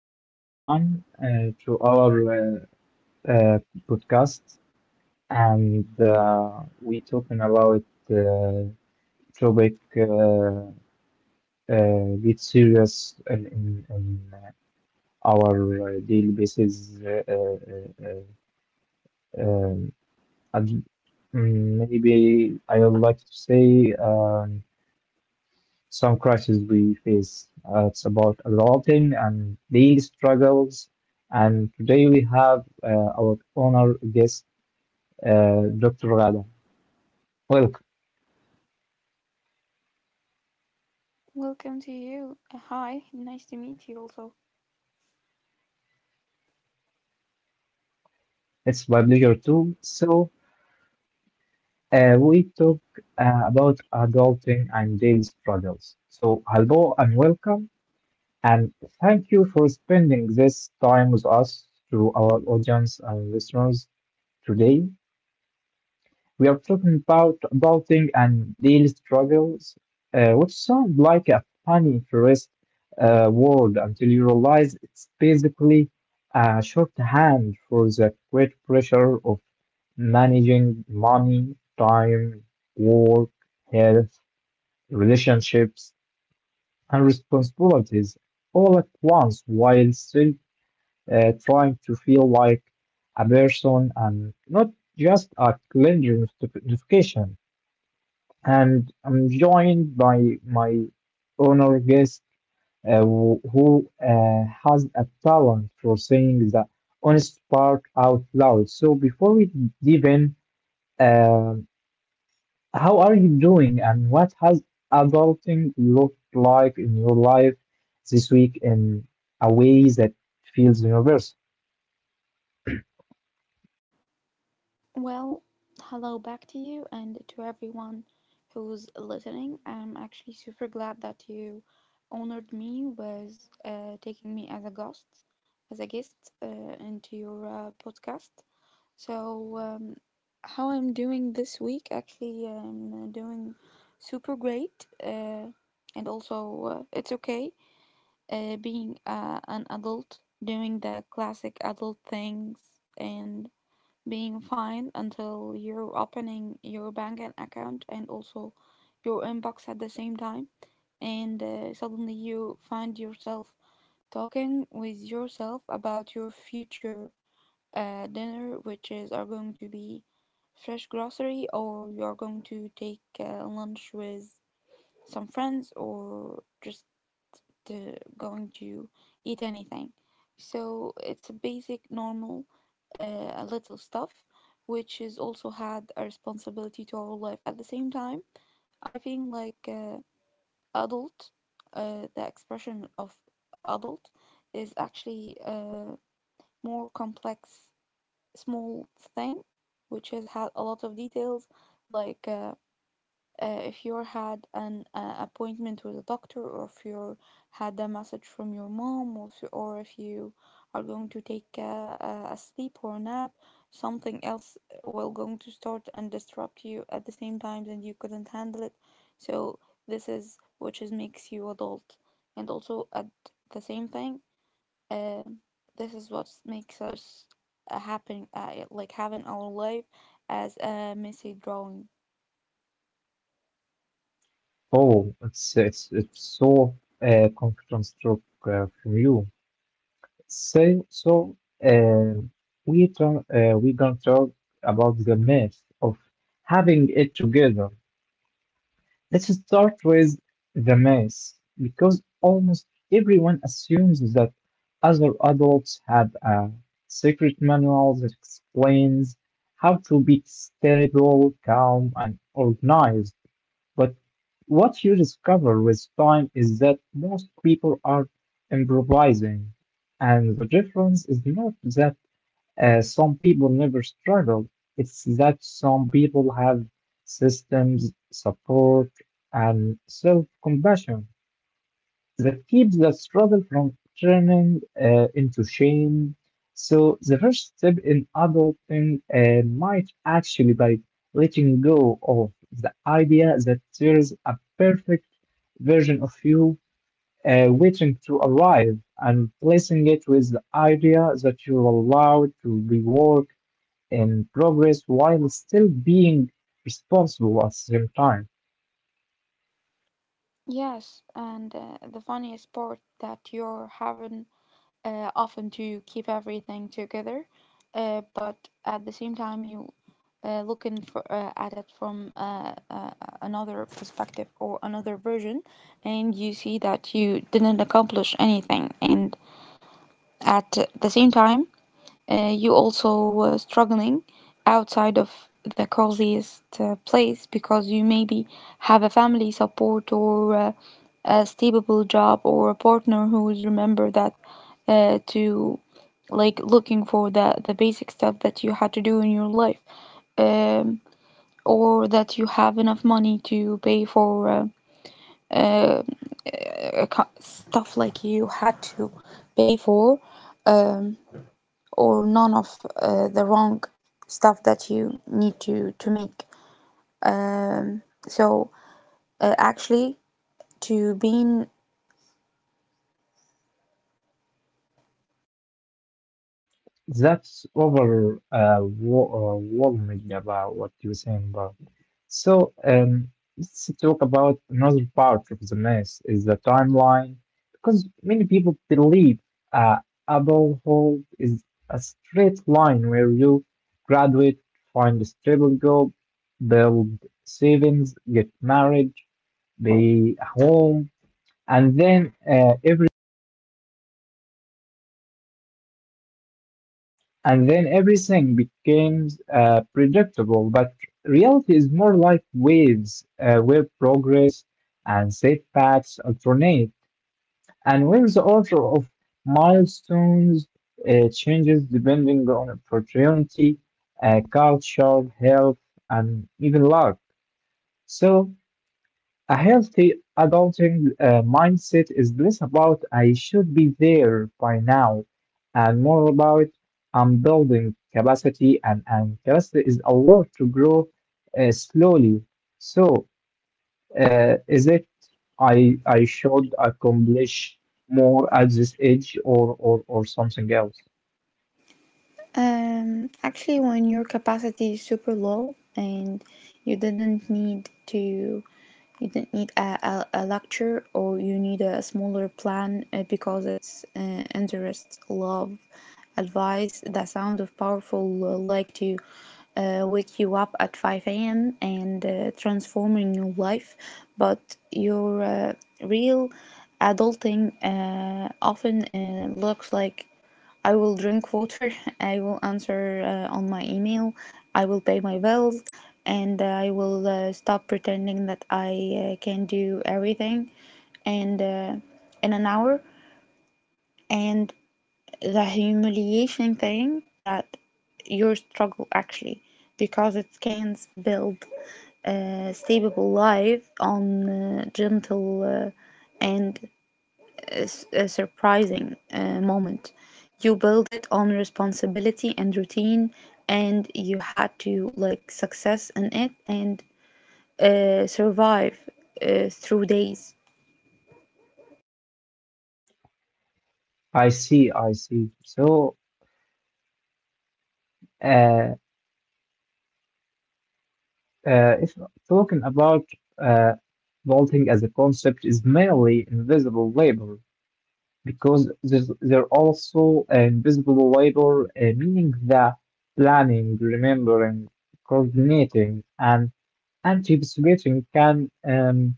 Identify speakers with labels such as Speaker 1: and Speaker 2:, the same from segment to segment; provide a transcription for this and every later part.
Speaker 1: Hello everyone to our uh, uh, podcast, and we talking about uh, topic get serious in our daily basis. Uh, um, and, Maybe I would like to say some crises we face, it's about adopting and daily struggles. And today we have our honor guest, Dr. Gada. Welcome.
Speaker 2: Welcome to you. Hi, nice to meet you also.
Speaker 1: It's my pleasure too. So we talk about adulting and daily struggles. So hello and welcome, and thank you for spending this time with us to our audience and listeners today. We are talking about adulting and daily struggles, which sound like a funny tourist word until you realize it's basically a shorthand for the great pressure of managing money, time, work, health, relationships, and responsibilities all at once while still trying to feel like a person and not just a cleansing notification, and I'm joined by my honor guest who has a talent for saying the honest part out loud. So before we dive in, uh, how are you doing and what has adulting looked like in your life this week in a way that feels universal?
Speaker 2: Well, hello back to you and to everyone who's listening. I'm actually super glad that you honored me with taking me as a guest, as a guest uh, into your podcast. So, um, how I'm doing this week, actually, I'm doing super great. And also, it's okay. Being an adult, doing the classic adult things, and being fine until you're opening your bank account and also your inbox at the same time. And suddenly you find yourself talking with yourself about your future dinner, which is are going to be fresh grocery, or you are going to take lunch with some friends, or just going to eat anything. So it's a basic, normal, little stuff, which is also had a responsibility to our life. At the same time, I think like adult, the expression of adult is actually a more complex, small thing, which has had a lot of details, like if you had an appointment with a doctor, or if you had a message from your mom, or if you are going to take a sleep or a nap, something else will going to start and disrupt you at the same time, and you couldn't handle it. So this is which is makes you adult, and also at the same thing, uh, this is what makes us happen, like having our life as a messy drawing.
Speaker 1: Oh, it's it's so confidence stroke from you. So um, we talk, we're gonna talk about the myth of having it together. Let's start with the myth, because almost everyone assumes that other adults have a secret manual that explains how to be stable, calm, and organized. But what you discover with time is that most people are improvising, and the difference is not that some people never struggle, it's that some people have systems, support, and self compassion that keeps the struggle from turning into shame. So, the first step in adulting might actually by letting go of the idea that there is a perfect version of you waiting to arrive and placing it with the idea that you're allowed to be work in progress while still being responsible at the same time.
Speaker 2: Yes, and the funniest part that you're having often to keep everything together, but at the same time you looking for at it from another perspective or another version, and you see that you didn't accomplish anything, and at the same time you also were struggling outside of the coziest place because you maybe have a family support, or a stable job, or a partner who will remember that to like looking for the basic stuff that you had to do in your life, um, or that you have enough money to pay for uh, uh, stuff like you had to pay for. Um, or none of the wrong stuff that you need to make, um, so actually to being.
Speaker 1: That's over worrying about what you're saying about. So let's talk about another part of the mess is the timeline, because many people believe uh, adulthood is a straight line where you graduate, find a stable job, build savings, get married, be a home, and then uh, everything And then everything becomes predictable, but reality is more like waves where progress and setbacks alternate, and where the order of milestones changes depending on opportunity, culture, health, and even luck. So, a healthy adulting mindset is less about I should be there by now and more about I'm building capacity, and capacity is allowed to grow slowly. So, is it I should accomplish more at this age, or something else?
Speaker 2: Actually, when your capacity is super low and you didn't need a lecture, or you need a smaller plan because it's interest, love, advice, the sound of powerful like to wake you up at 5 a.m. and transforming your life, but your real adulting often looks like I will drink water, I will answer on my email, I will pay my bills, and I will stop pretending that I can do everything and in an hour. And the humiliation thing that your struggle actually, because it can build a stable life on gentle and a surprising moment. You build it on responsibility and routine, and you had to like success in it and survive through days.
Speaker 1: I see. So, uh, if talking about uh, vaulting as a concept is mainly invisible labor, because there's, there also invisible labor, meaning that planning, remembering, coordinating, and anticipating can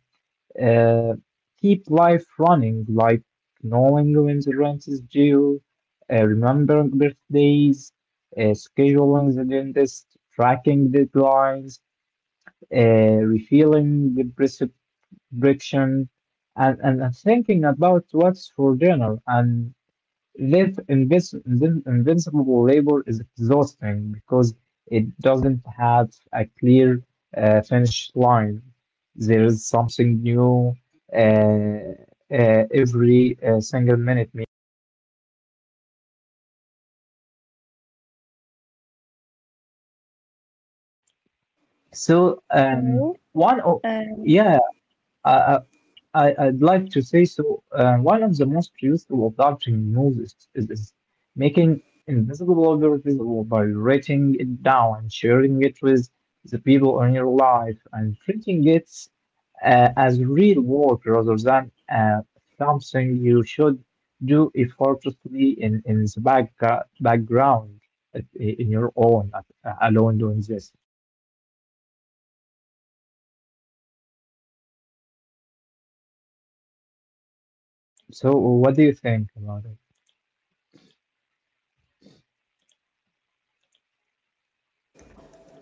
Speaker 1: uh, keep life running, like knowing when the rent is due, remembering birthdays, scheduling the dentist, tracking deadlines, refilling the prescription, and thinking about what's for dinner. And this invincible labor is exhausting because it doesn't have a clear finish line. There is something new uh, uh, every single minute. So, um,
Speaker 2: So,
Speaker 1: one, o-
Speaker 2: um,
Speaker 1: yeah, I, I I'd like to say so. One of the most useful adopting moves is making invisible order by writing it down and sharing it with the people in your life and treating it as real work rather than something you should do effortlessly in the back, background in your own alone doing this. So, what do you think about it?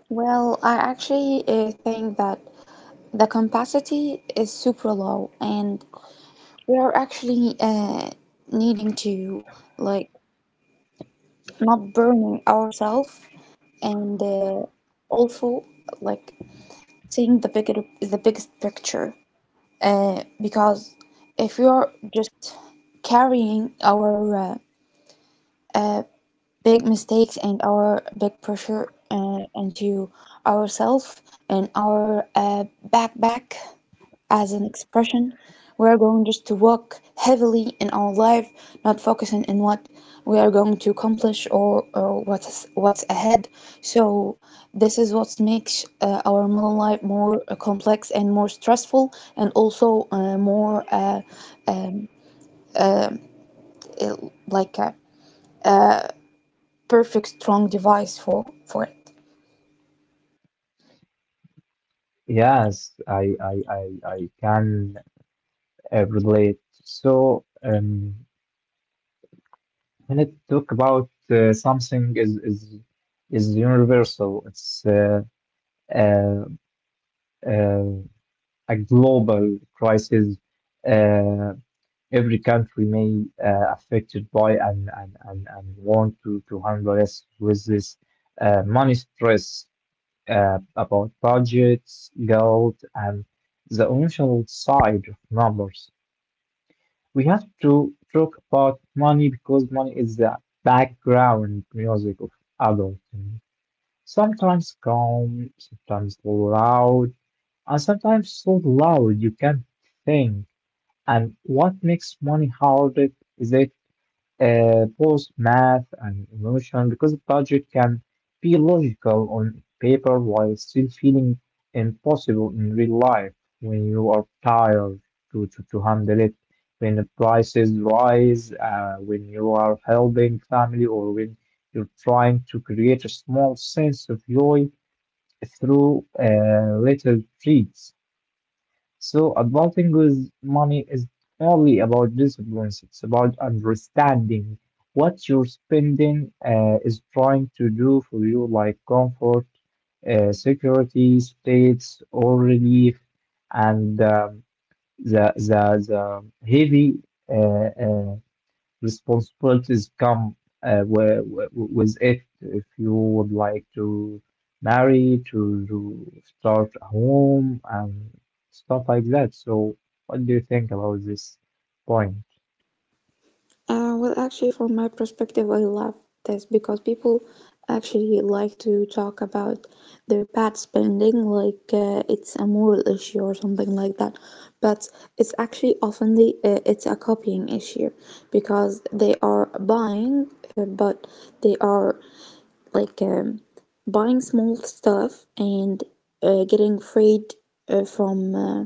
Speaker 2: well, I actually think that the capacity is super low, and we are actually needing to like not burning ourselves, and also like seeing the bigger is the biggest picture because if you're just carrying our uh, uh, big mistakes and our big pressure into ourselves and our backpack as an expression. We're going just to walk heavily in our life, not focusing on what we are going to accomplish, or what's ahead. So this is what makes our modern life more complex and more stressful, and also more um, like a perfect strong device for it.
Speaker 1: Yes, I can relate. So when it talk about something is universal, it's uh, uh, a global crisis. Uh, every country may affected by and want to handle us with this money stress about budgets, goals, and the initial side of numbers. We have to talk about money because money is the background music of adulting. Sometimes calm, sometimes loud, and sometimes so loud you can't think. And what makes money hard is that both math and emotion, because budget can be logical on paper while still feeling impossible in real life when you are tired to handle it, when the prices rise, when you are helping family, or when you're trying to create a small sense of joy through little treats. So, adulting with money is only about disciplines. It's about understanding what your spending is trying to do for you, like comfort, security, states, or relief, and the the the heavy uh, uh, responsibilities come with it. If you would like to marry, to start a home, and stuff like that. So, what do you think about this point?
Speaker 2: Well, actually, from my perspective, I love this because people actually like to talk about their pet spending like it's a moral issue or something like that. But it's actually often the it's a copying issue because they are buying, but they are like buying small stuff and getting freed uh, from. Uh,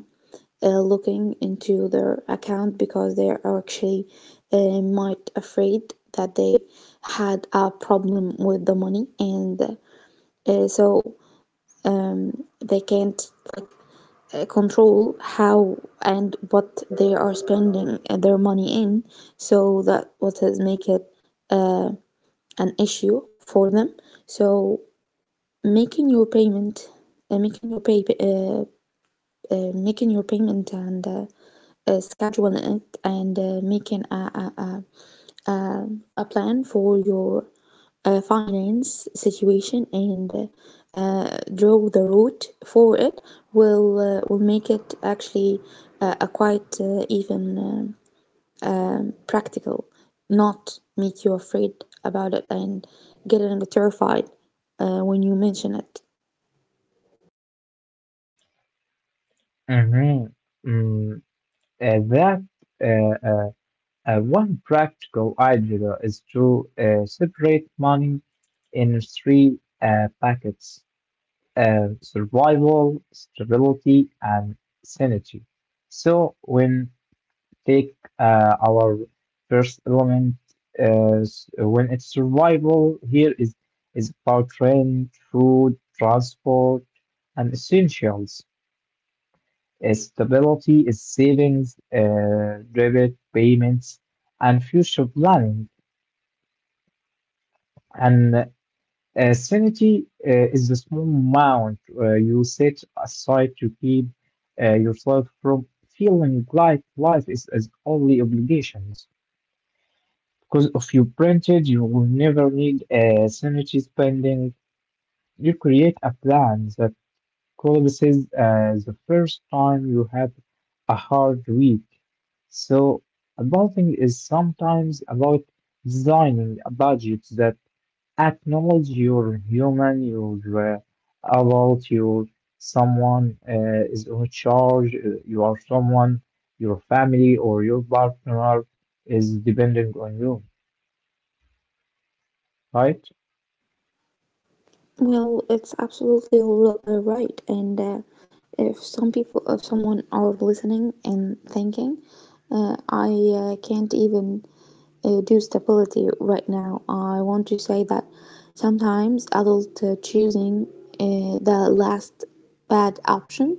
Speaker 2: uh, looking into their account because they are actually might afraid that they had a problem with the money, and so they can't like control how and what they are spending their money in, so that what has make it an issue for them. So making your payment and making your payment and schedule it, and making a plan for your finance situation, and draw the route for it will make it actually a quite even practical, not make you afraid about it and get a little bit terrified when you mention it.
Speaker 1: Mm-hmm. Mm, that uh, uh, One practical idea is to separate money in three packets: survival, stability, and sanity. So when take our first element, when it's survival, here is about rent, food, transport, and essentials. Stability is savings, debit payments, and future planning. And sanity is the small amount you set aside to keep yourself from feeling like life is only obligations. Because of your printed, you will never need a sanity spending. You create a plan that collapses the first time you have a hard week. So, budgeting is sometimes about designing a budget that acknowledge you're human, you're adult, you're someone is in charge, you are someone, your family or your partner is depending on you, right?
Speaker 2: Well, it's absolutely right. And if someone are listening and thinking, I can't even do stability right now, I want to say that sometimes adult choosing the last bad option,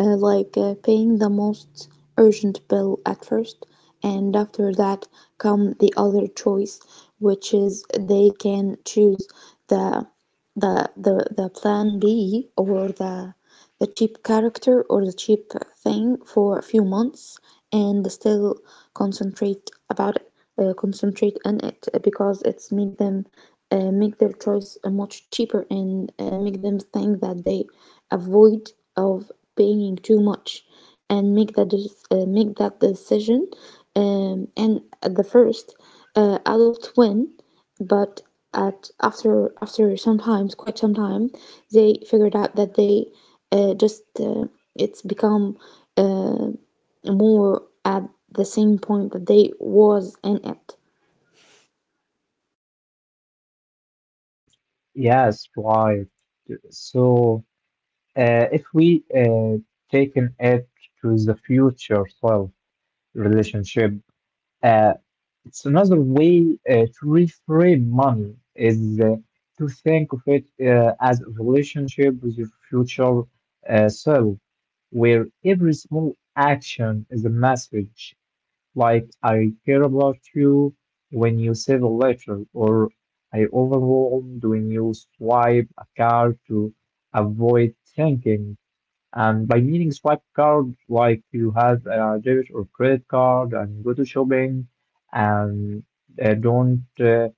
Speaker 2: like paying the most urgent bill at first, and after that come the other choice, which is they can choose the the the plan B, or the cheap character, or the cheap thing for a few months, and still concentrate about it, concentrate on it because it's make them make their choice much cheaper, and make them think that they avoid of paying too much and make that decision. And at the first, adults win, but at after after sometimes quite some time, they figured out that they just it's become uh, more at the same point that they was in it.
Speaker 1: Yes, right. So, if we taken it to the future self relationship, uh, it's another way to reframe money is to think of it as a relationship with your future self, where every small action is a message like I care about you when you save a letter, or I overwhelmed when you swipe a card to avoid thinking. And by meaning swipe card, like you have a debit or credit card and go to shopping and don't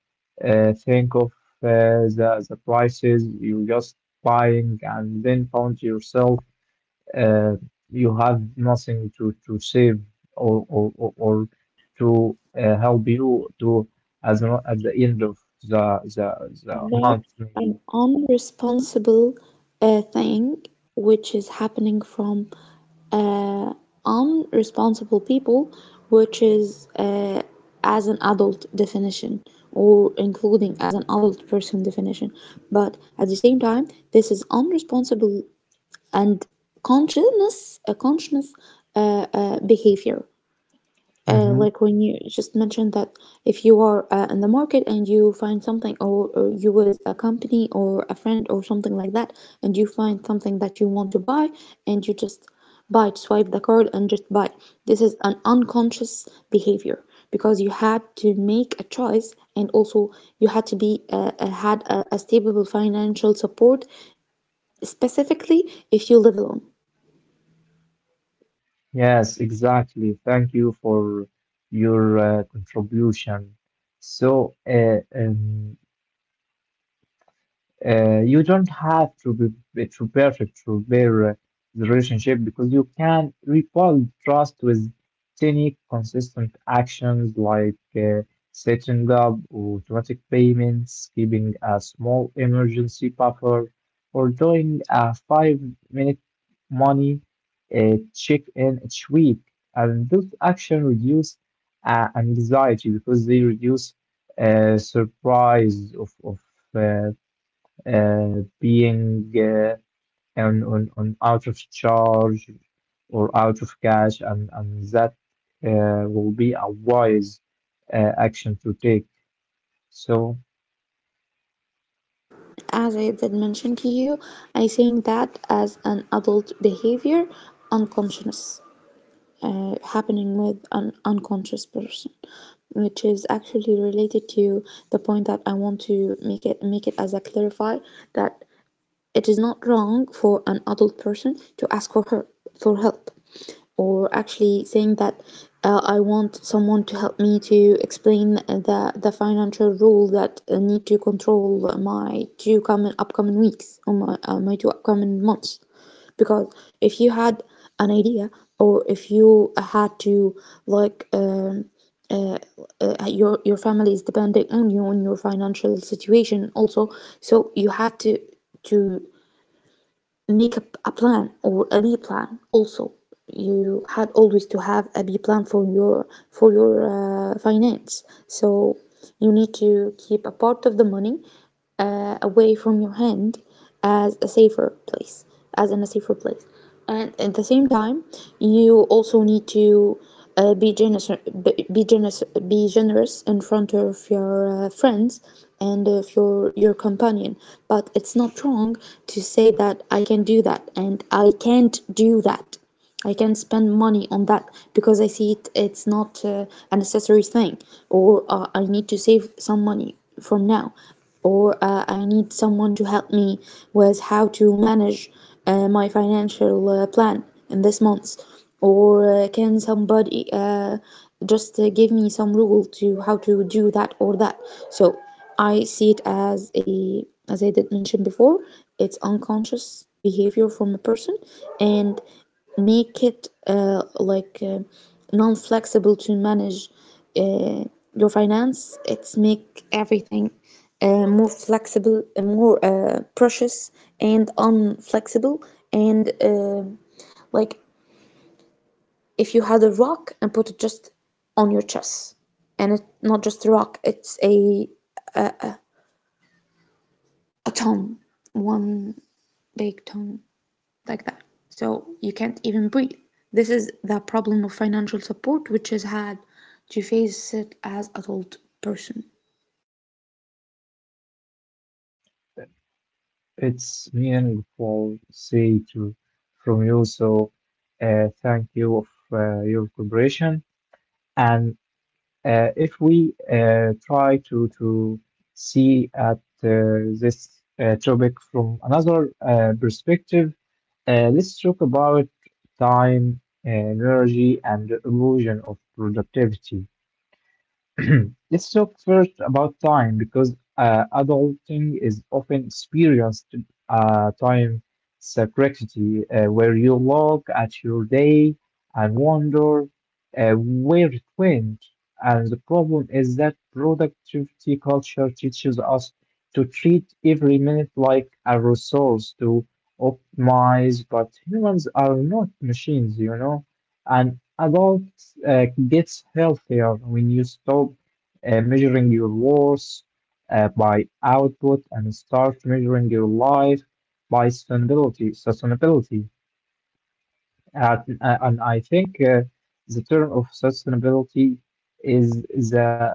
Speaker 1: think of the prices, you just buying and then found yourself uh, you have nothing to save or to help you to as well at the end of the
Speaker 2: That's
Speaker 1: month maybe.
Speaker 2: an unresponsible thing which is happening from uh, unresponsible people, which is as an adult definition, or including as an adult person definition. But at the same time, this is unresponsible and consciousness, a conscious behavior,
Speaker 1: Mm-hmm.
Speaker 2: like when you just mentioned that if you are in the market and you find something, or you with a company or a friend or something like that, and you find something that you want to buy, and you just buy it, swipe the card and just buy. This is an unconscious behavior because you had to make a choice, and also you had to be had a stable financial support, specifically if you live alone.
Speaker 1: Yes, exactly. Thank you for your contribution. So, uh, um, you don't have to be to perfect to repair the relationship, because you can rebuild trust with tiny consistent actions like setting up automatic payments, keeping a small emergency buffer, or doing a five-minute money check-in each week. And those actions reduce anxiety, because they reduce surprise of uh, being on out of charge or out of cash, and that will be a wise action to take. So
Speaker 2: As I did mention to you, I saying that as an adult behavior, unconscious, happening with an unconscious person, which is actually related to the point that I want to make it, make it as a clarify, that it is not wrong for an adult person to ask for her, for help, or actually saying that I want someone to help me to explain the financial rule that need to control my two coming upcoming weeks, or my, my two upcoming months. Because if you had an idea, or if you had to like uh, your family is depending on you, on your financial situation also, so you had to make up a plan or a B plan also. You had always to have a B plan for your finance. So you need to keep a part of the money away from your hand as a safer place, as in a safer place, and at the same time you also need to be generous, be- generous be generous in front of your friends and of your companion. But it's not wrong to say that I can do that and I can't do that. I can spend money on that because I see it it's not a necessary thing, or I need to save some money from now, or I need someone to help me with how to manage my financial plan in this month, or can somebody just give me some rule to how to do that or that. So I see it as a, as I did mention before, it's unconscious behavior from a person, and make it non-flexible to manage uh, your finance. It's make everything more flexible and more precious and unflexible, and like if you had a rock and put it just on your chest, and it's not just a rock, it's a ton, one big ton like that. So you can't even breathe. This is the problem of financial support, which is had to face it as adult person.
Speaker 1: it's meaningful, say to from you. So thank you of your cooperation, and if we try to see at this topic from another perspective, let's talk about time, energy, and the illusion of productivity. Let's talk first about time because adulting is often experienced time scarcity, where you look at your day and wonder where it went. And the problem is that productivity culture teaches us to treat every minute like a resource to optimize, but humans are not machines, you know. And adults gets healthier when you stop measuring your worth by output and start measuring your life by sustainability. And I think the term of sustainability is the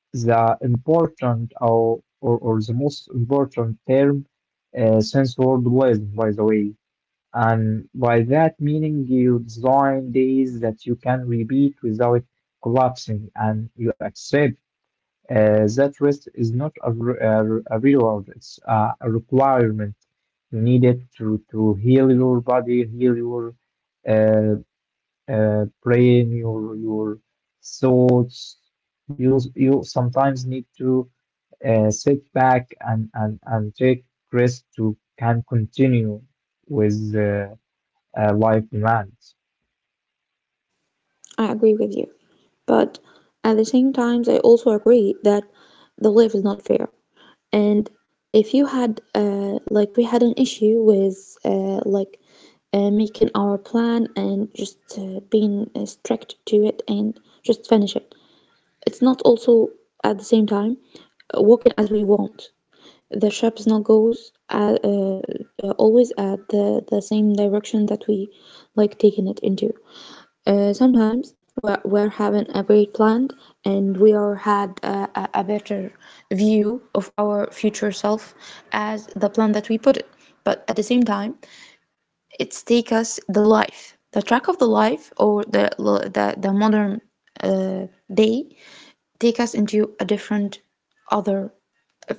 Speaker 1: the important or the most important term since World Wisdom, by the way. And by that meaning, you design days that you can repeat without collapsing, and you accept that rest is not a reward, it's a requirement. You need it to heal your body, heal your uh, brain, your thoughts. You sometimes need to sit back and take rest to can continue with life demands.
Speaker 2: I agree with you. But at the same time, I also agree that the life is not fair. And if you had, we had an issue with, making our plan and just being strict to it and just finish it. It's not also at the same time working as we want. The shrapnel goes at always at the same direction that we like taking it into. Sometimes we're having a great plan and we are had a better view of our future self as the plan that we put it. But at the same time, it's take us the life, the track of the life or the modern day take us into a different other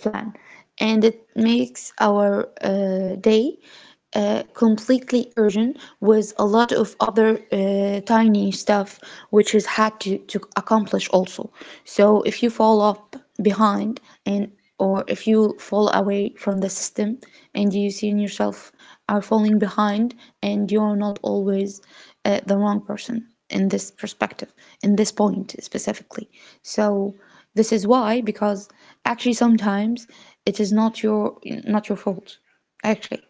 Speaker 2: plan, and it makes our day completely urgent with a lot of other tiny stuff which is had to accomplish also. So if you fall up behind and or if you fall away from the system and you see in yourself are falling behind, and you're not always the wrong person in this perspective, in this point specifically. So this is why, because actually sometimes it is not your fault actually.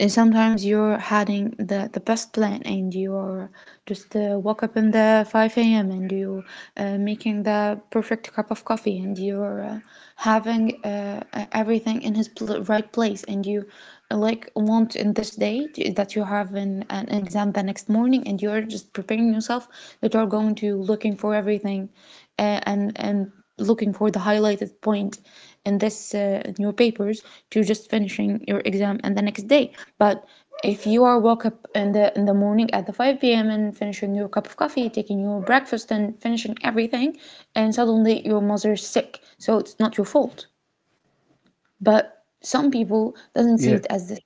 Speaker 2: And sometimes you're having the best plan and you're just wake up in the 5 a.m. and you making the perfect cup of coffee, and you're having everything in his right place, and you like want in this day that you have an exam the next morning, and you're just preparing yourself that you're going to looking for everything, and looking for the highlighted point in this in your papers to just finishing your exam and the next day. But if you are woke up in the morning at the 5 p.m. and finishing your cup of coffee, taking your breakfast, and finishing everything, and suddenly your mother's sick, so it's not your fault, but some people doesn't see it
Speaker 1: Yeah.
Speaker 2: as this.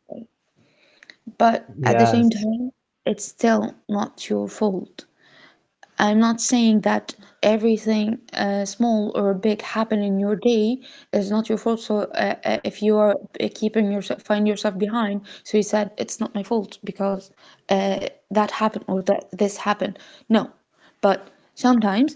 Speaker 2: But at the same
Speaker 1: Yes,
Speaker 2: time, it's still not your fault. I'm not saying that everything small or big happen in your day is not your fault. So if you are keeping yourself, find yourself behind. So you said it's not my fault because that happened or that this happened. No, but sometimes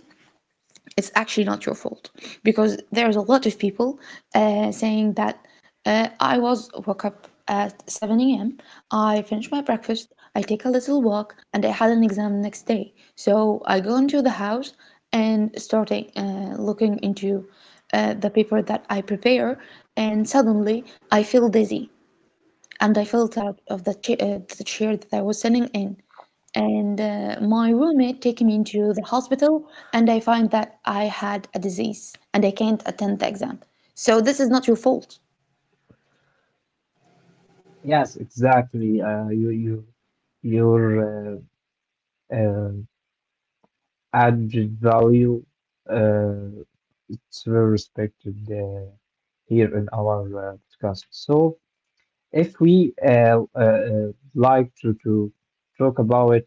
Speaker 2: it's actually not your fault, because there's a lot of people saying that I was woke up at 7 a.m. I finished my breakfast, I take a little walk, and I had an exam next day. So I go into the house and starting looking into the paper that I prepare, and suddenly I feel dizzy, and I felt out of the chair that I was sitting in. And my roommate took me into the hospital, and I find that I had a disease and I can't attend the exam. So this is not your fault.
Speaker 1: yes, exactly. Your uh, uh, add value, uh, it's very respected here in our uh, podcast. So if we like to talk about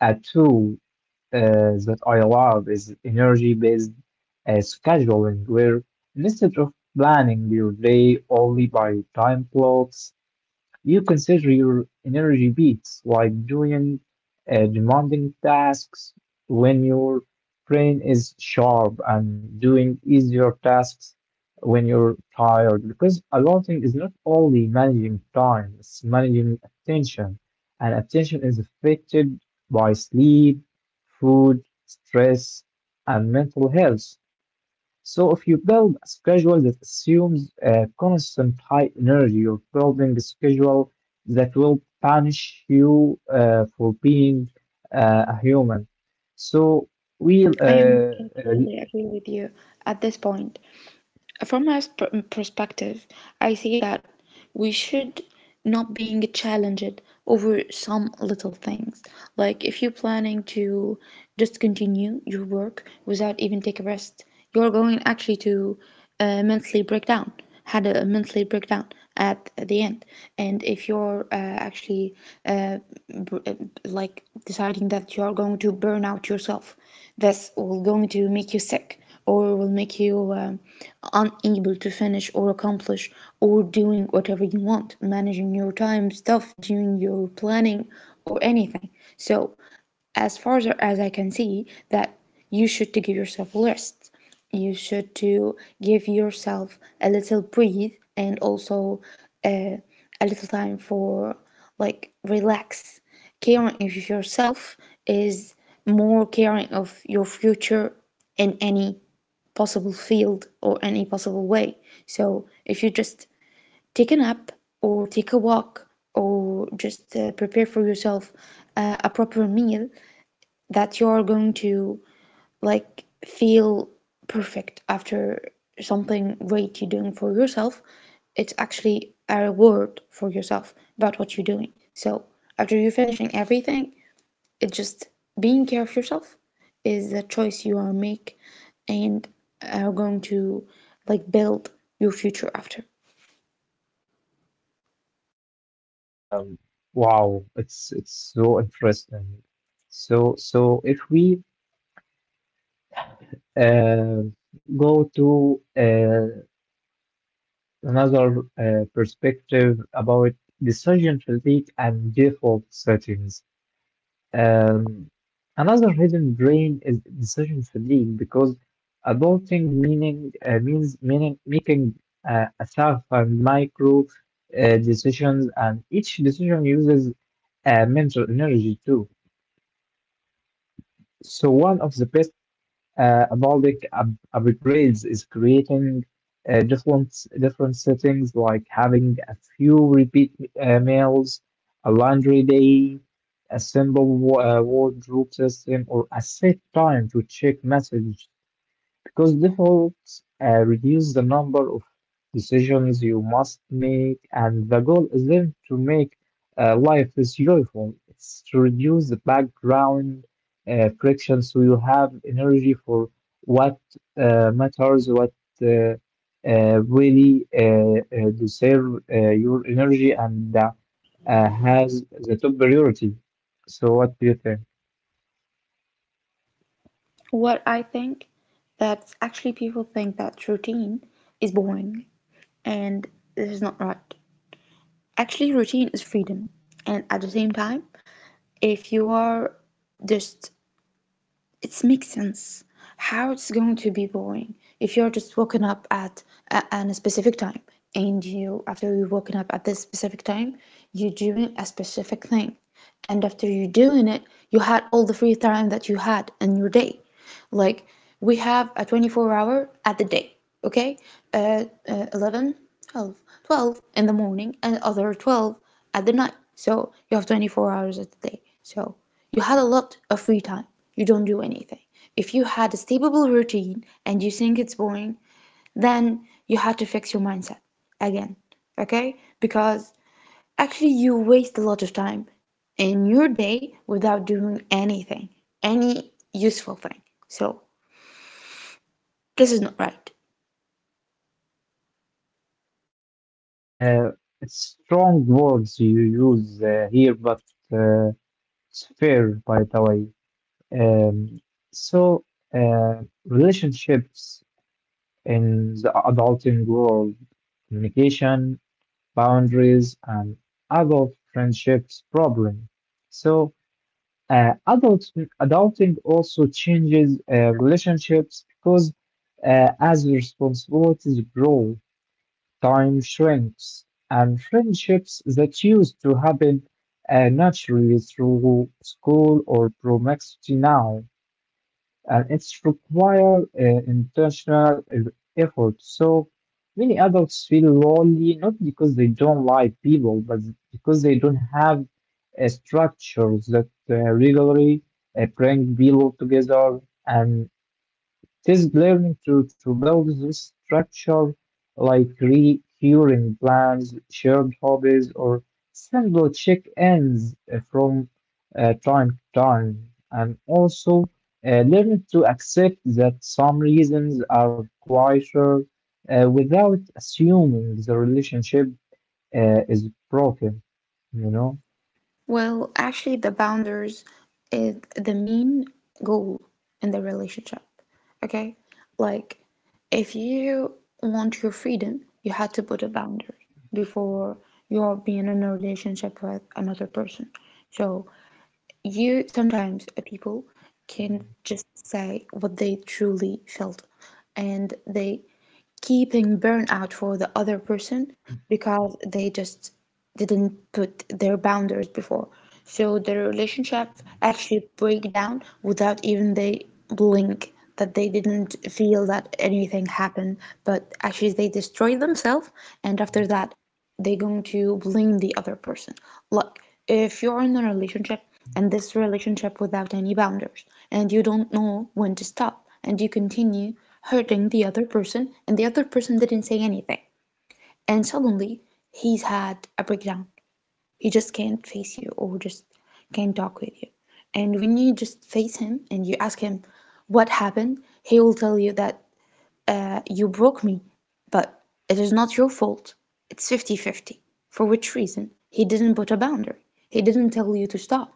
Speaker 1: a tool uh, that I love is energy-based scheduling, where instead of planning your day only by time blocks, you consider your energy beats, like doing demanding tasks when your brain is sharp and doing easier tasks when you're tired. Because allotting is not only managing time, it's managing attention. And attention is affected by sleep, food, stress, and mental health. So if you build a schedule that assumes a constant high energy, you're building a schedule that will punish you for being a human. So we, uh,
Speaker 2: I am
Speaker 1: uh,
Speaker 2: totally agree with you at this point. From my perspective, I say that we should not being challenged over some little things. Like if you're planning to just continue your work without even take a rest, you're going actually to mentally break down, had a mental breakdown at the end. And if you're actually uh, like deciding that you are going to burn out yourself, that's will going to make you sick or will make you unable to finish or accomplish or doing whatever you want, managing your time stuff, doing your planning or anything. So as far as I can see, that you should to give yourself a rest. You should to give yourself a little breathe, and also uh, a little time for like relax. Caring of yourself is more caring of your future in any possible field or any possible way. So if you just take a nap or take a walk or just prepare for yourself a proper meal, that you're going to like feel perfect after, something great you're doing for yourself. It's actually a reward for yourself about what you're doing. So after you're finishing everything, it just being care of yourself is a choice you are make and are going to like build your future after.
Speaker 1: wow, it's so interesting. So if we uh, go to another perspective about decision fatigue and default settings. Um, Another hidden drain is decision fatigue because adulting meaning means meaning making a thousand micro decisions, and each decision uses mental energy too. So one of the best Avaldic up upgrades is creating uh, different different settings like having a few repeat meals, a laundry day, a simple wardrobe system, or a set time to check messages because defaults reduce the number of decisions you must make, and the goal is then to make life is joyful. It's to reduce the background friction, so you have energy for what matters, what uh, really deserve your energy, and has the top priority. So, what do you think?
Speaker 2: What I think, that actually people think that routine is boring, and this is not right. Actually routine is freedom. And at the same time, if you are just, it makes sense how it's going to be boring if you're just waking up at at a specific time, and you after you've woken up at this specific time, you're doing a specific thing, and after you're doing it, you had all the free time that you had in your day. Like, we have a 24 hour at the day, okay? 11, 12, 12 in the morning and other 12 at the night. So you have 24 hours at the day. So you had a lot of free time. You don't do anything. If you had a stable routine and you think it's boring, then you had to fix your mindset again, okay? Because actually you waste a lot of time in your day without doing anything, any useful thing. So this is not right.
Speaker 1: Uh, it's strong words you use here, but uh, it's fair, by the way. Um, so, uh, Relationships in the adulting world, communication, boundaries, and adult friendships problem. So, uh, adult adulting also changes relationships because as responsibilities grow, time shrinks, and friendships that used to happen naturally through school or proximity now, and it's require intentional e- effort. So many adults feel lonely not because they don't like people, but because they don't have structures that regularly bring people together. And it is learning to build this structure, like recurring plans, shared hobbies, or simple check ins from time to time. And also learning to accept that some reasons are quieter without assuming the relationship is broken, you know?
Speaker 2: Well, actually, the boundaries is the main goal in the relationship. Okay? Like, if you want your freedom, you had to put a boundary before you're being in a relationship with another person. So, you sometimes people can just say what they truly felt, and they keeping burnout for the other person because they just didn't put their boundaries before. So their relationship actually break down without even they blink, that they didn't feel that anything happened, but actually they destroy themselves, and after that they're going to blame the other person. Like, if you're in a relationship, and this relationship without any boundaries, and you don't know when to stop, and you continue hurting the other person, and the other person didn't say anything, and suddenly he's had a breakdown. He just can't face you or just can't talk with you. And when you just face him and you ask him what happened, he will tell you that you broke me, but it is not your fault. It's 50-50. For which reason? He didn't put a boundary. He didn't tell you to stop.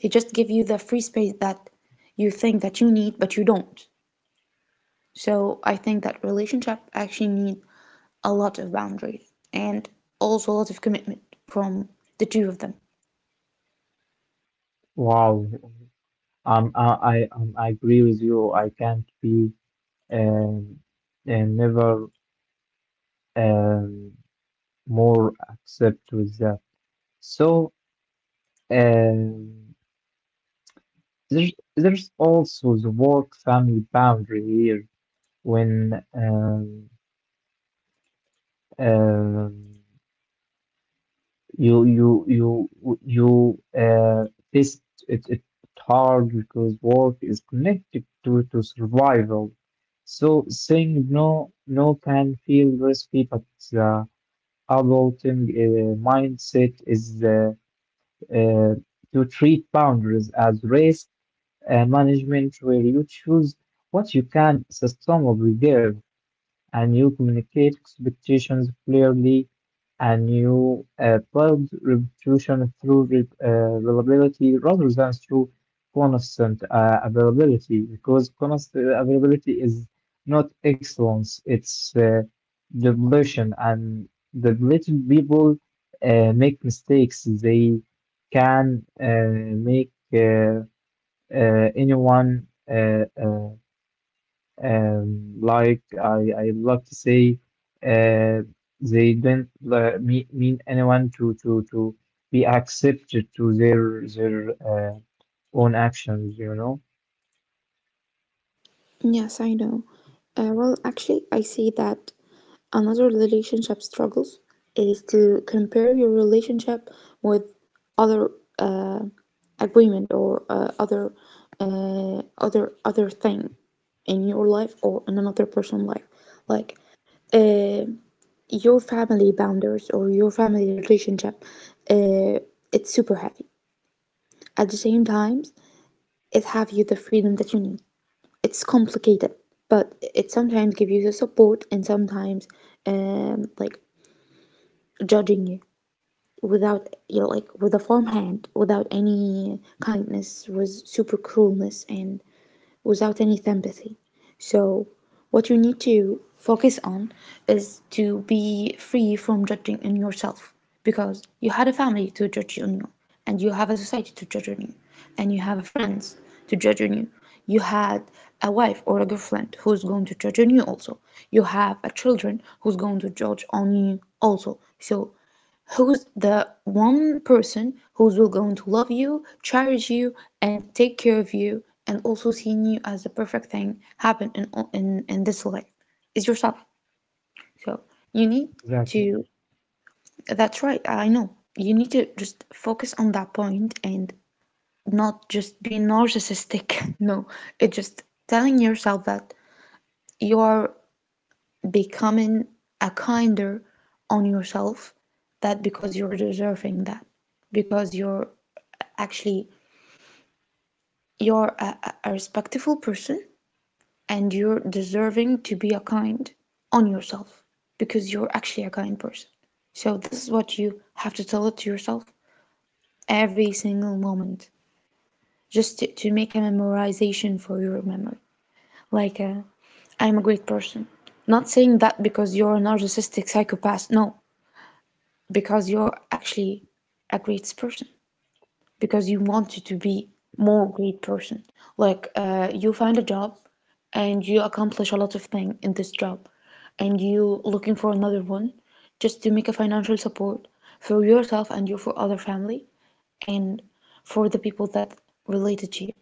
Speaker 2: He just gave you the free space that you think that you need, but you don't. So I think that relationship actually need a lot of boundaries, and also a lot of commitment from the two of them.
Speaker 1: Wow, I agree with you. I can't be um, never um, more accept with that. So um, there's also the work family boundary here when um, you you you you this it, it hard because work is connected to survival. So saying no can feel risky, but the adulting mindset is uh, to treat boundaries as race management where you choose what you can sustainably give and you communicate expectations clearly and you build reputation through reliability rather than through constant availability because constant availability is not excellence, it's depletion, and depleted people make mistakes. They can make anyone uh, uh, like I love to say, uh, they don't mean anyone to be accepted to their own actions, you know.
Speaker 2: Yes, I know. Well, actually, I see that another relationship struggles is to compare your relationship with other uh, agreement or other other thing in your life or in another person's life, like uh, your family boundaries or your family relationship. Uh, it's super heavy. At the same time, it have you the freedom that you need. It's complicated, but it sometimes gives you the support, and sometimes like judging you without, you know, like with a firm hand, without any kindness, with super cruelness and without any sympathy. So, what you need to focus on is to be free from judging in yourself, because you had a family to judge on you, and you have a society to judge on you, and you have a friends to judge on you. You had a wife or a girlfriend who's going to judge on you also. You have a children who's going to judge on you also. So who's the one person who's going to love you, cherish you, and take care of you, and also seeing you as the perfect thing happen in this life is yourself. So you need
Speaker 1: Exactly.
Speaker 2: to. That's right. I know. You need to just focus on that point and not just being narcissistic. No, it's just telling yourself that you are becoming a kinder on yourself, that because you're deserving that, because you're actually you're a respectful person, and you're deserving to be a kind on yourself because you're actually a kind person. So this is what you have to tell it to yourself every single moment, just to make a memorization for your memory, like, a, am a great person. Not saying that because you're a narcissistic psychopath, no, because you're actually a great person, because you wanted to be more great person. Like you find a job and you accomplish a lot of things in this job, and you looking for another one just to make a financial support for yourself and you for other family and for the people that related to you.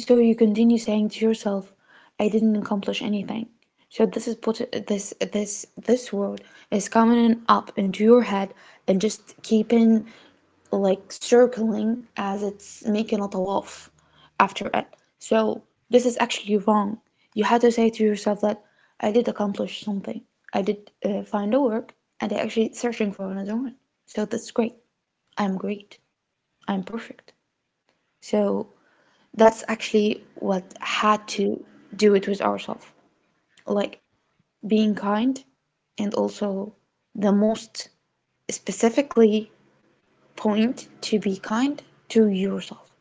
Speaker 2: So you continue saying to yourself, I didn't accomplish anything. So this is put this word is coming up into your head and just keeping like circling, as it's making a tawaf after it. So this is actually wrong. You had to say to yourself that I did accomplish something. I did find a work, and I actually searching for another one. So that's great. I'm great. I'm perfect. So that's actually what had to do it with ourselves, like being kind, and also the most specifically point to be kind to yourself.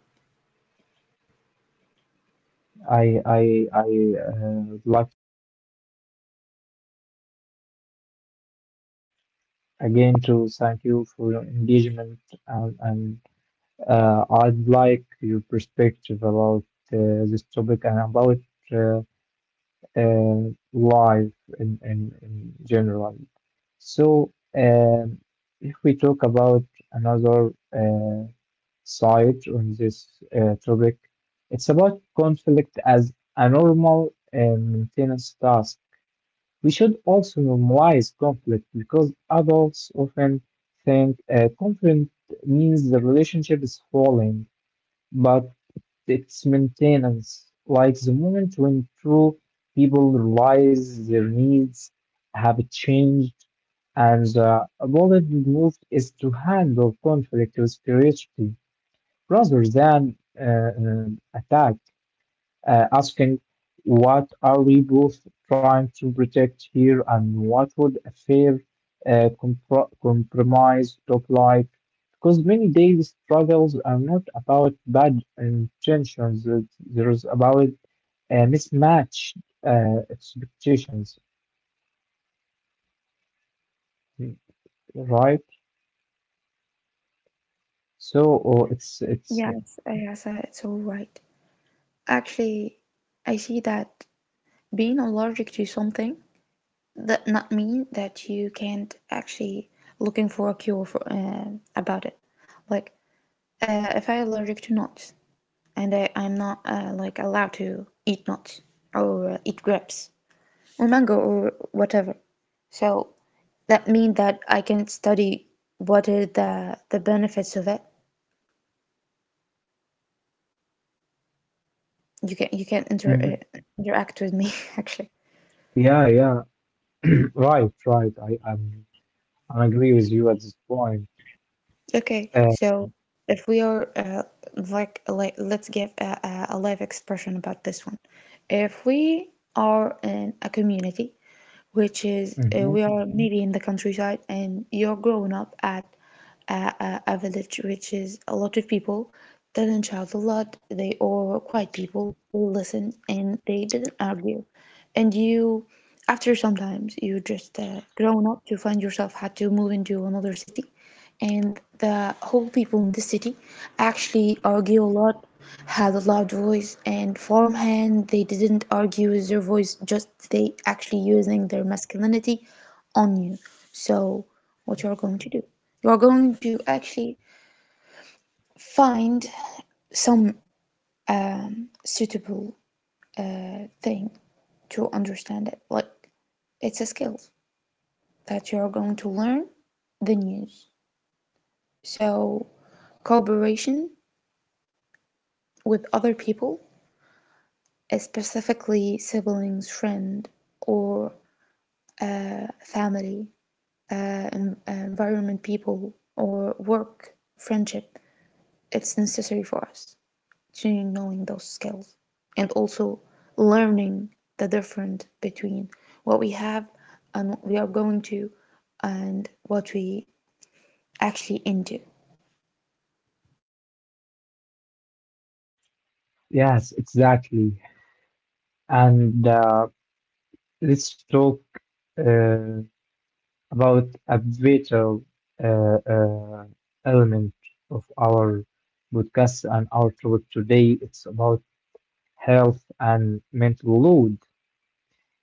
Speaker 1: I would like again to thank you for your engagement and I'd like your perspective about this topic and about uh, uh, life in general. So, if we talk about another side on this topic, it's about conflict as a normal maintenance task. We should also normalize conflict because adults often think conflict means the relationship is falling, but its maintenance, like the moment when true people realize their needs have changed and the bold move is to handle conflict with curiosity rather than attack, asking what are we both trying to protect here and what would a fair compromise look like? Because many daily struggles are not about bad intentions, there is about mismatched expectations, right? So oh, it's
Speaker 2: Yes, yes, it's all right. Actually, I see that being allergic to something that not mean that you can't actually looking for a cure for about it. Like, if I'm allergic to nuts, and I'm not like allowed to eat nuts or eat grapes or mango or whatever, so that mean that I can study what are the benefits of it. You can
Speaker 1: Mhm.
Speaker 2: interact with me actually.
Speaker 1: Yeah, yeah. Right, right. I agree with you at this point.
Speaker 2: Okay,
Speaker 1: Uh,
Speaker 2: so if we are like let's give a live expression about this one. If we are in a community, which is
Speaker 1: hmm
Speaker 2: we are maybe in the countryside, and you're growing up at a village, which is a lot of people doesn't shout a lot. They are quiet people. They listen and they didn't argue, and you. After sometimes you just grown up to find yourself had to move into another city, and the whole people in the city actually argue a lot, had a loud voice, and farmhand they didn't argue with their voice, just they actually using their masculinity on you. So what you are going to do, you are going to actually find some suitable thing to understand it, like it's a skill that you are going to learn the news. So cooperation with other people, specifically siblings, friend, or family, uh, environment, people, or work, friendship, it's necessary for us to knowing those skills, and also learning the difference between what we have and what we are going to and what we actually into.
Speaker 1: Yes, exactly. And let's talk uh, about a vital uh, uh, element of our podcast and our topic today. It's about health and mental load,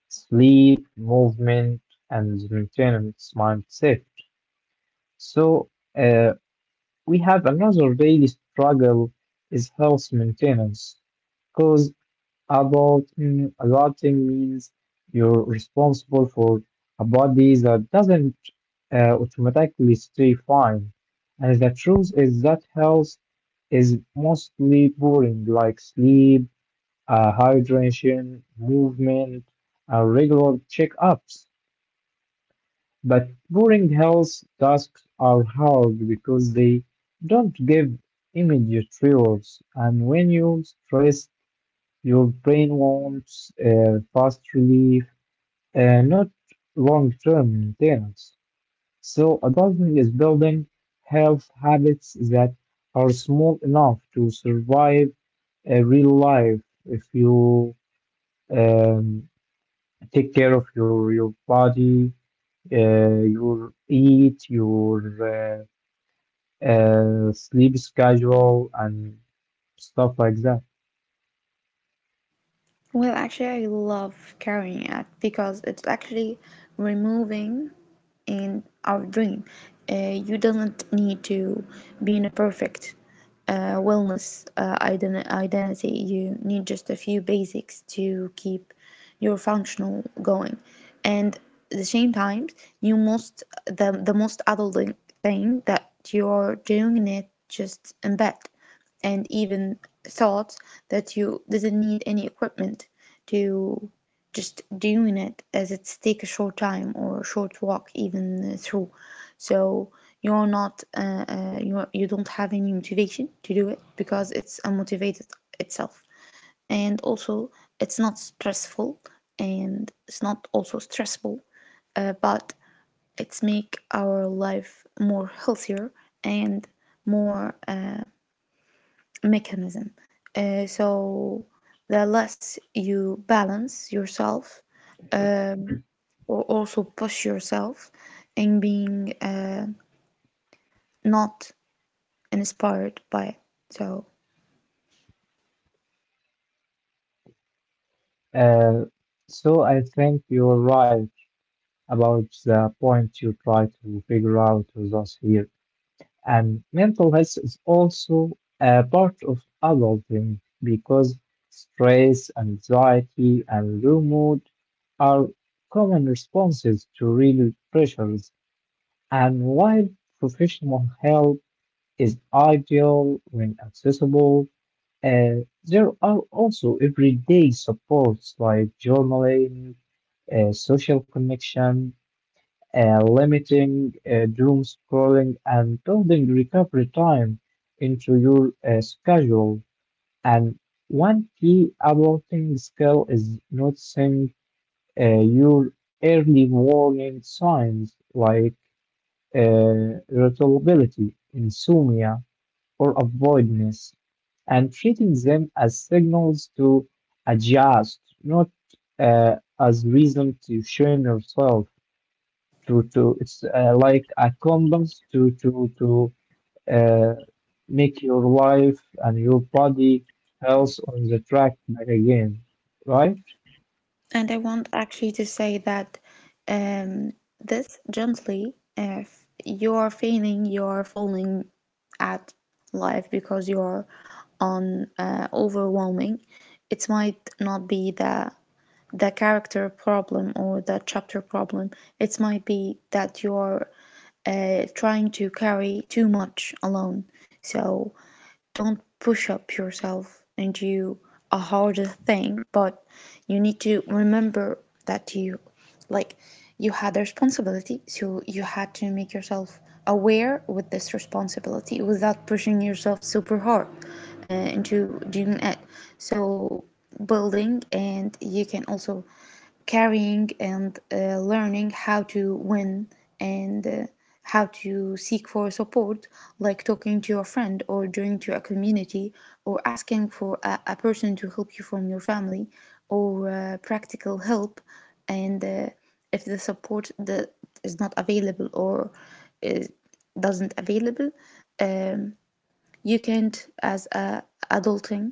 Speaker 1: sleep, movement, and maintenance mindset. So uh, we have another daily struggle is health maintenance because. Adulting means you're responsible for a body that doesn't automatically stay fine. And the truth is that health is mostly boring, like sleep, hydration, movement, regular checkups. But boring health tasks are hard because they don't give immediate rewards. And when you stress, your brain wants fast relief, not long-term maintenance. So adulting is building health habits that are small enough to survive a real life if you um, take care of your body, your eat, your sleep schedule, and stuff like that.
Speaker 2: Well, actually, I love carrying it because it's actually removing in our dream. You don't need to be in a perfect wellness identity. You need just a few basics to keep your functional going. And at the same time, you most the most adult thing that you're doing it just in bed, and even thought that you didn't need any equipment to just doing it as it's take a short time or a short walk even through. So you're not you don't have any motivation to do it because it's unmotivated itself, and also it's not stressful, and it's not also stressful, but it's make our life more healthier, and more mechanism. So the less you balance yourself, um, or also push yourself in being not inspired by it. So,
Speaker 1: Uh, so I think you're right about the point you try to figure out with us here. And mental health is also a part of adulting because stress, anxiety, and low mood are common responses to real pressures. And while professional help is ideal when accessible, there are also everyday supports like journaling, social connection, limiting doom scrolling and building recovery time into your schedule. And one key adulting skill is noticing your early warning signs like irritability, insomnia, or avoidance, and treating them as signals to adjust, not as reason to shame yourself. To it's Like a compass to uh, make your life and your body health on the track back again, right?
Speaker 2: and I want actually to say that, um, this gently, if you're feeling you're falling at life because you're on overwhelming, it might not be the character problem or the chapter problem. It might be that you're trying to carry too much alone. So don't push up yourself and do a harder thing, but you need to remember that you, like, you had a responsibility, so you had to make yourself aware with this responsibility without pushing yourself super hard into doing it. So building, and you can also carrying, and learning how to win, and how to seek for support, like talking to your friend, or joining to a community, or asking for a person to help you from your family, or practical help. And if the support that is not available, or is, doesn't available, um, you can't as a adulting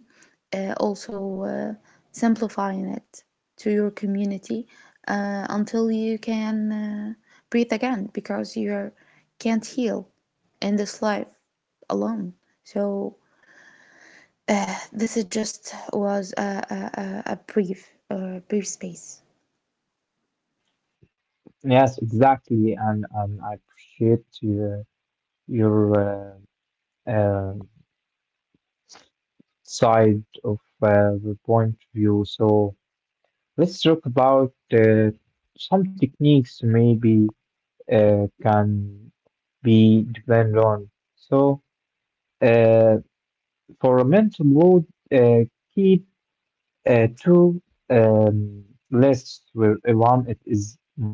Speaker 2: also simplifying it to your community until you can breathe again, because you can't heal in this life alone. So this is just was brief brief space.
Speaker 1: Yes, exactly. And I appreciate your uh, uh, side of the point of view. So let's talk about some techniques maybe can be depend on. So. Uh, For momentum load, uh, keep two um, lists where one it is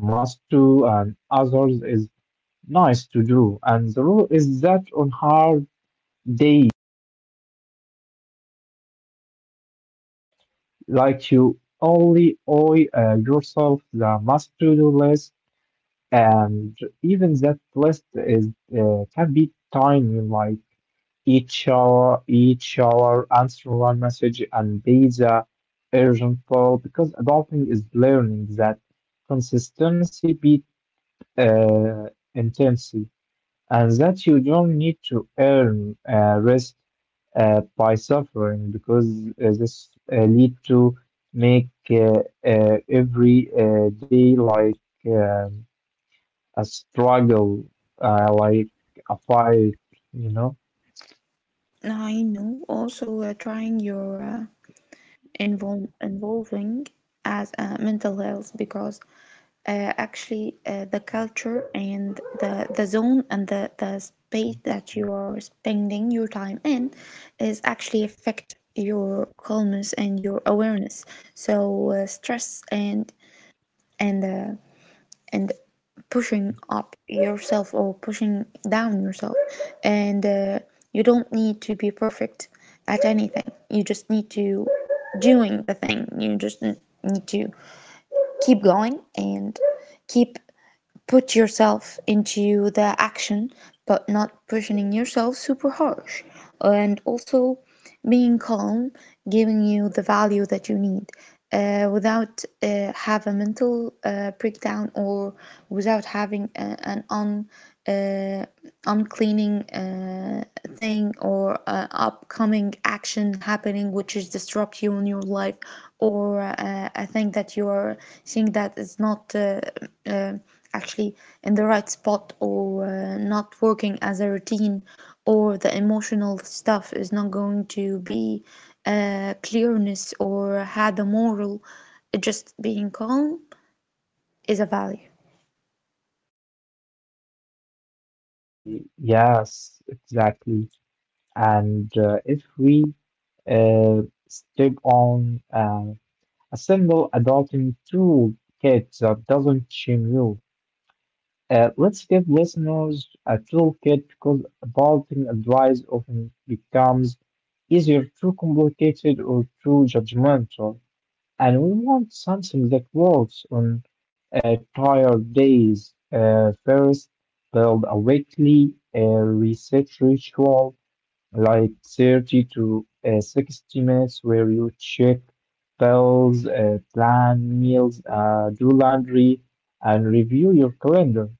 Speaker 1: must do and others is nice to do. And the rule is that on hard days, like you only owe yourself the must to do list, and even that list is can be tiny, like Each shower, answer one message and be the urgent call because adulting is learning that consistency beat uh, intensity and that you don't need to earn rest by suffering because this lead to make every day like um a struggle, like a fight, you know.
Speaker 2: Now I know also trying your involving as mental health, because actually the culture and the zone and the space that you are spending your time in is actually affect your calmness and your awareness. So stress and and uh, and pushing up yourself or pushing down yourself. And you don't need to be perfect at anything, you just need to doing the thing, you just need to keep going and keep put yourself into the action, but not pushing yourself super harsh, and also being calm, giving you the value that you need, without have a mental breakdown, or without having an un, uh, uncleaning thing, or upcoming action happening which is disrupt you in your life, or a thing that you are seeing that is not uh, actually in the right spot, or not working as a routine, or the emotional stuff is not going to be clearness or had a moral. Just being calm is a value.
Speaker 1: Yes, exactly. And if we uh, stick on a single adulting toolkit that doesn't shame you, let's give listeners a toolkit because adulting advice often becomes either too complicated or too judgmental and we want something that works on tired days. First, build a weekly reset ritual, like 30 to 60 minutes, where you check bills, plan meals, do laundry, and review your calendar.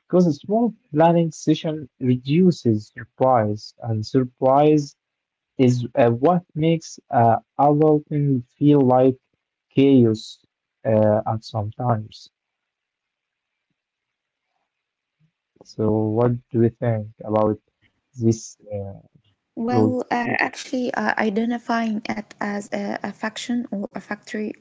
Speaker 1: Because a small planning session reduces surprise, and surprise is what makes adulting feel like chaos at some times. So, what do you think about this rule?
Speaker 2: Well, actually, identifying it as a faction or a factory,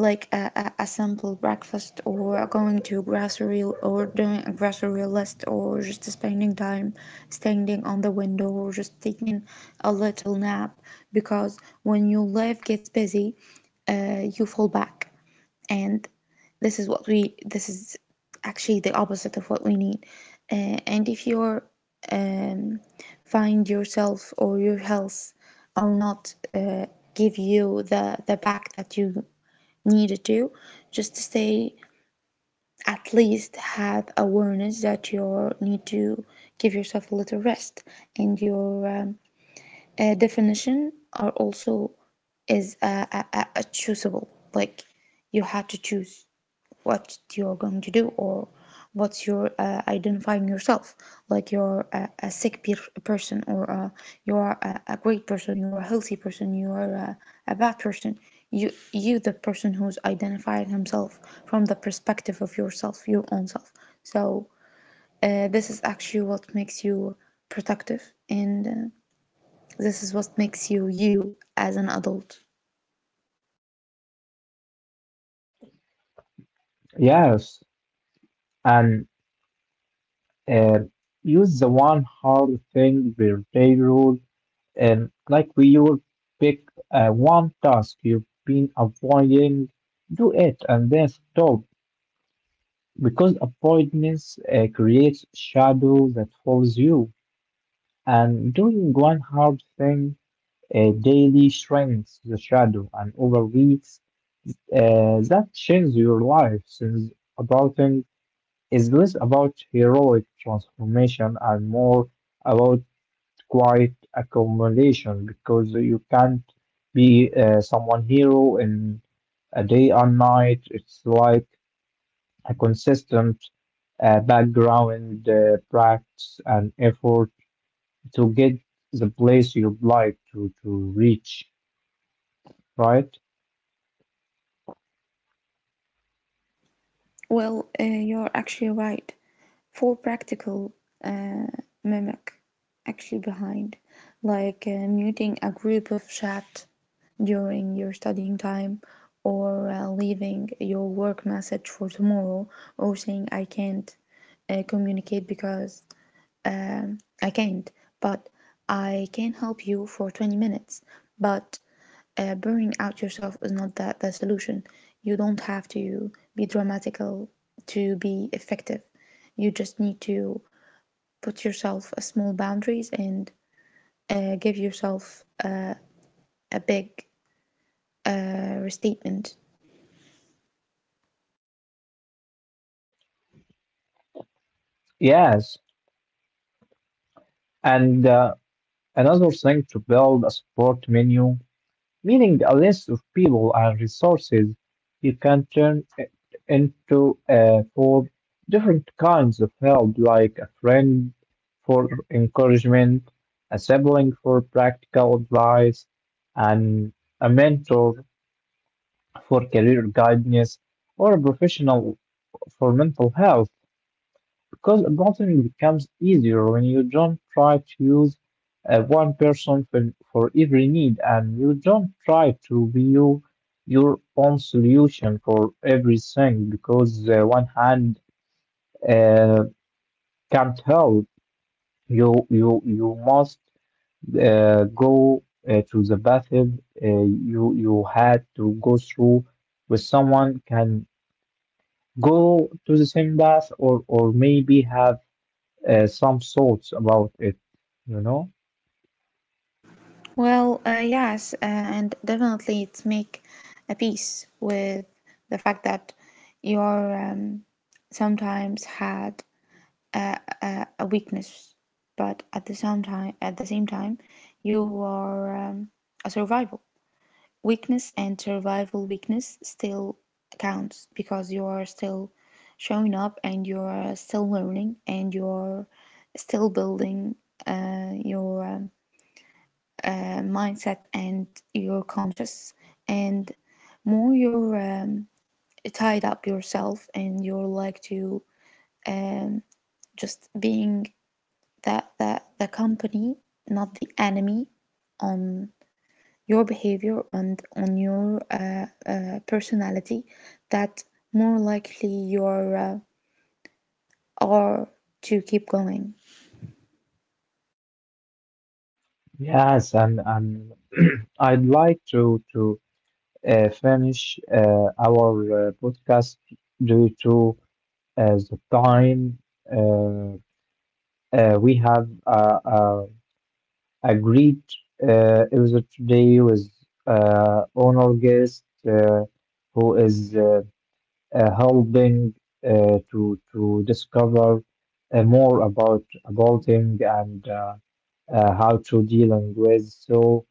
Speaker 2: like a simple breakfast, or going to grocery, or doing a grocery list, or just spending time standing on the window, or just taking a little nap, because when your life gets busy, you fall back, and this is actually the opposite of what we need. uh, and if you're, um, find yourself or your health or not give you the back that you needed to just to stay, at least have awareness that you need to give yourself a little rest. And your definition are also is choosable, like you had to choose what you're going to do, or what you're identifying yourself, like you're a person, or you're a great person, you're a healthy person, you're a bad person. You the person who's identified himself from the perspective of yourself, your own self. So this is actually what makes you productive, and this is what makes you you as an adult.
Speaker 1: Yes, and uh, use the one hard thing per day rule, and like we will pick one task you've been avoiding, do it, and then stop because avoidance creates shadow that follows you. And doing one hard thing daily shrinks the shadow, and over weeks, that changes your life since adulting is less about heroic transformation and more about quiet accumulation because you can't be someone hero in a day and night. It's like a consistent background practice and effort to get the place you'd like to reach, right?
Speaker 2: Well, you're actually right. For practical uh, mimic, actually behind, like muting a group of chat during your studying time, or leaving your work message for tomorrow, or saying I can't communicate because. I can't, but I can help you for 20 minutes. But burning out yourself is not that the solution. You don't have to be dramatical to be effective. You just need to put yourself a small boundaries, and give yourself a big restatement.
Speaker 1: Yes. And another thing to build a support menu, meaning a list of people and resources you can turn it into for different kinds of help, like a friend for encouragement, a sibling for practical advice, and a mentor for career guidance, or a professional for mental health. Because adulting becomes easier when you don't try to use one person for every need and you don't try to view your own solution for everything because one hand uh, can't help. You must go to the bathroom. You had to go through with someone can go to the same bath, or maybe have some thoughts about it, you know?
Speaker 2: Well, yes, and definitely it's make a peace with the fact that you're, sometimes had a weakness, but at the same time, you are a survival. Weakness and survival weakness still counts, because you are still showing up, and you are still learning, and you are still building your mindset and your conscious. And more you're tied up yourself, and you're like to, um, just being that the company, not the enemy, on your behavior and on your personality, that more likely you are to keep going.
Speaker 1: Yes, and I'd like to finish our podcast due to the time uh, we have agreed. It was a today with honor guest uh, who is helping to discover more about him and. How to dealing with. So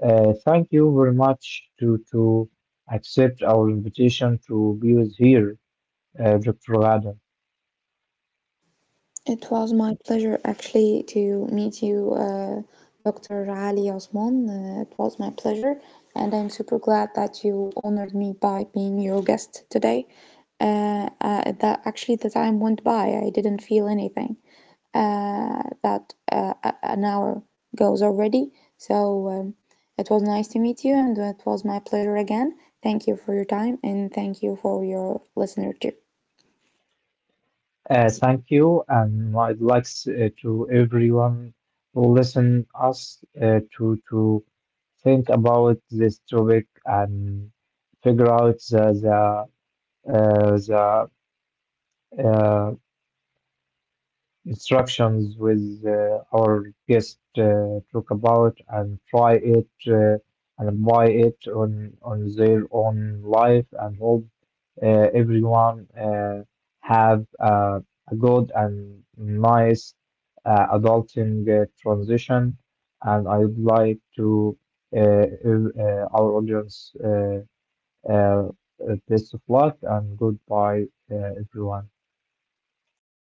Speaker 1: thank you very much to accept our invitation to be with here, Dr. Adam.
Speaker 2: It was my pleasure actually to meet you, Dr. Ali Osman. It was my pleasure, and I'm super glad that you honored me by being your guest today. That actually the time went by. I didn't feel anything. That an hour goes already. So it was nice to meet you, and it was my pleasure again. Thank you for your time, and thank you for your listener too.
Speaker 1: Thank you, and I'd like to everyone who listen us to think about this topic and figure out the, uh, the instructions with our guest talk about and try it and apply it on their own life and hope uh, everyone have a good and nice adulting transition and I would like to our audience uh, best of luck and goodbye everyone.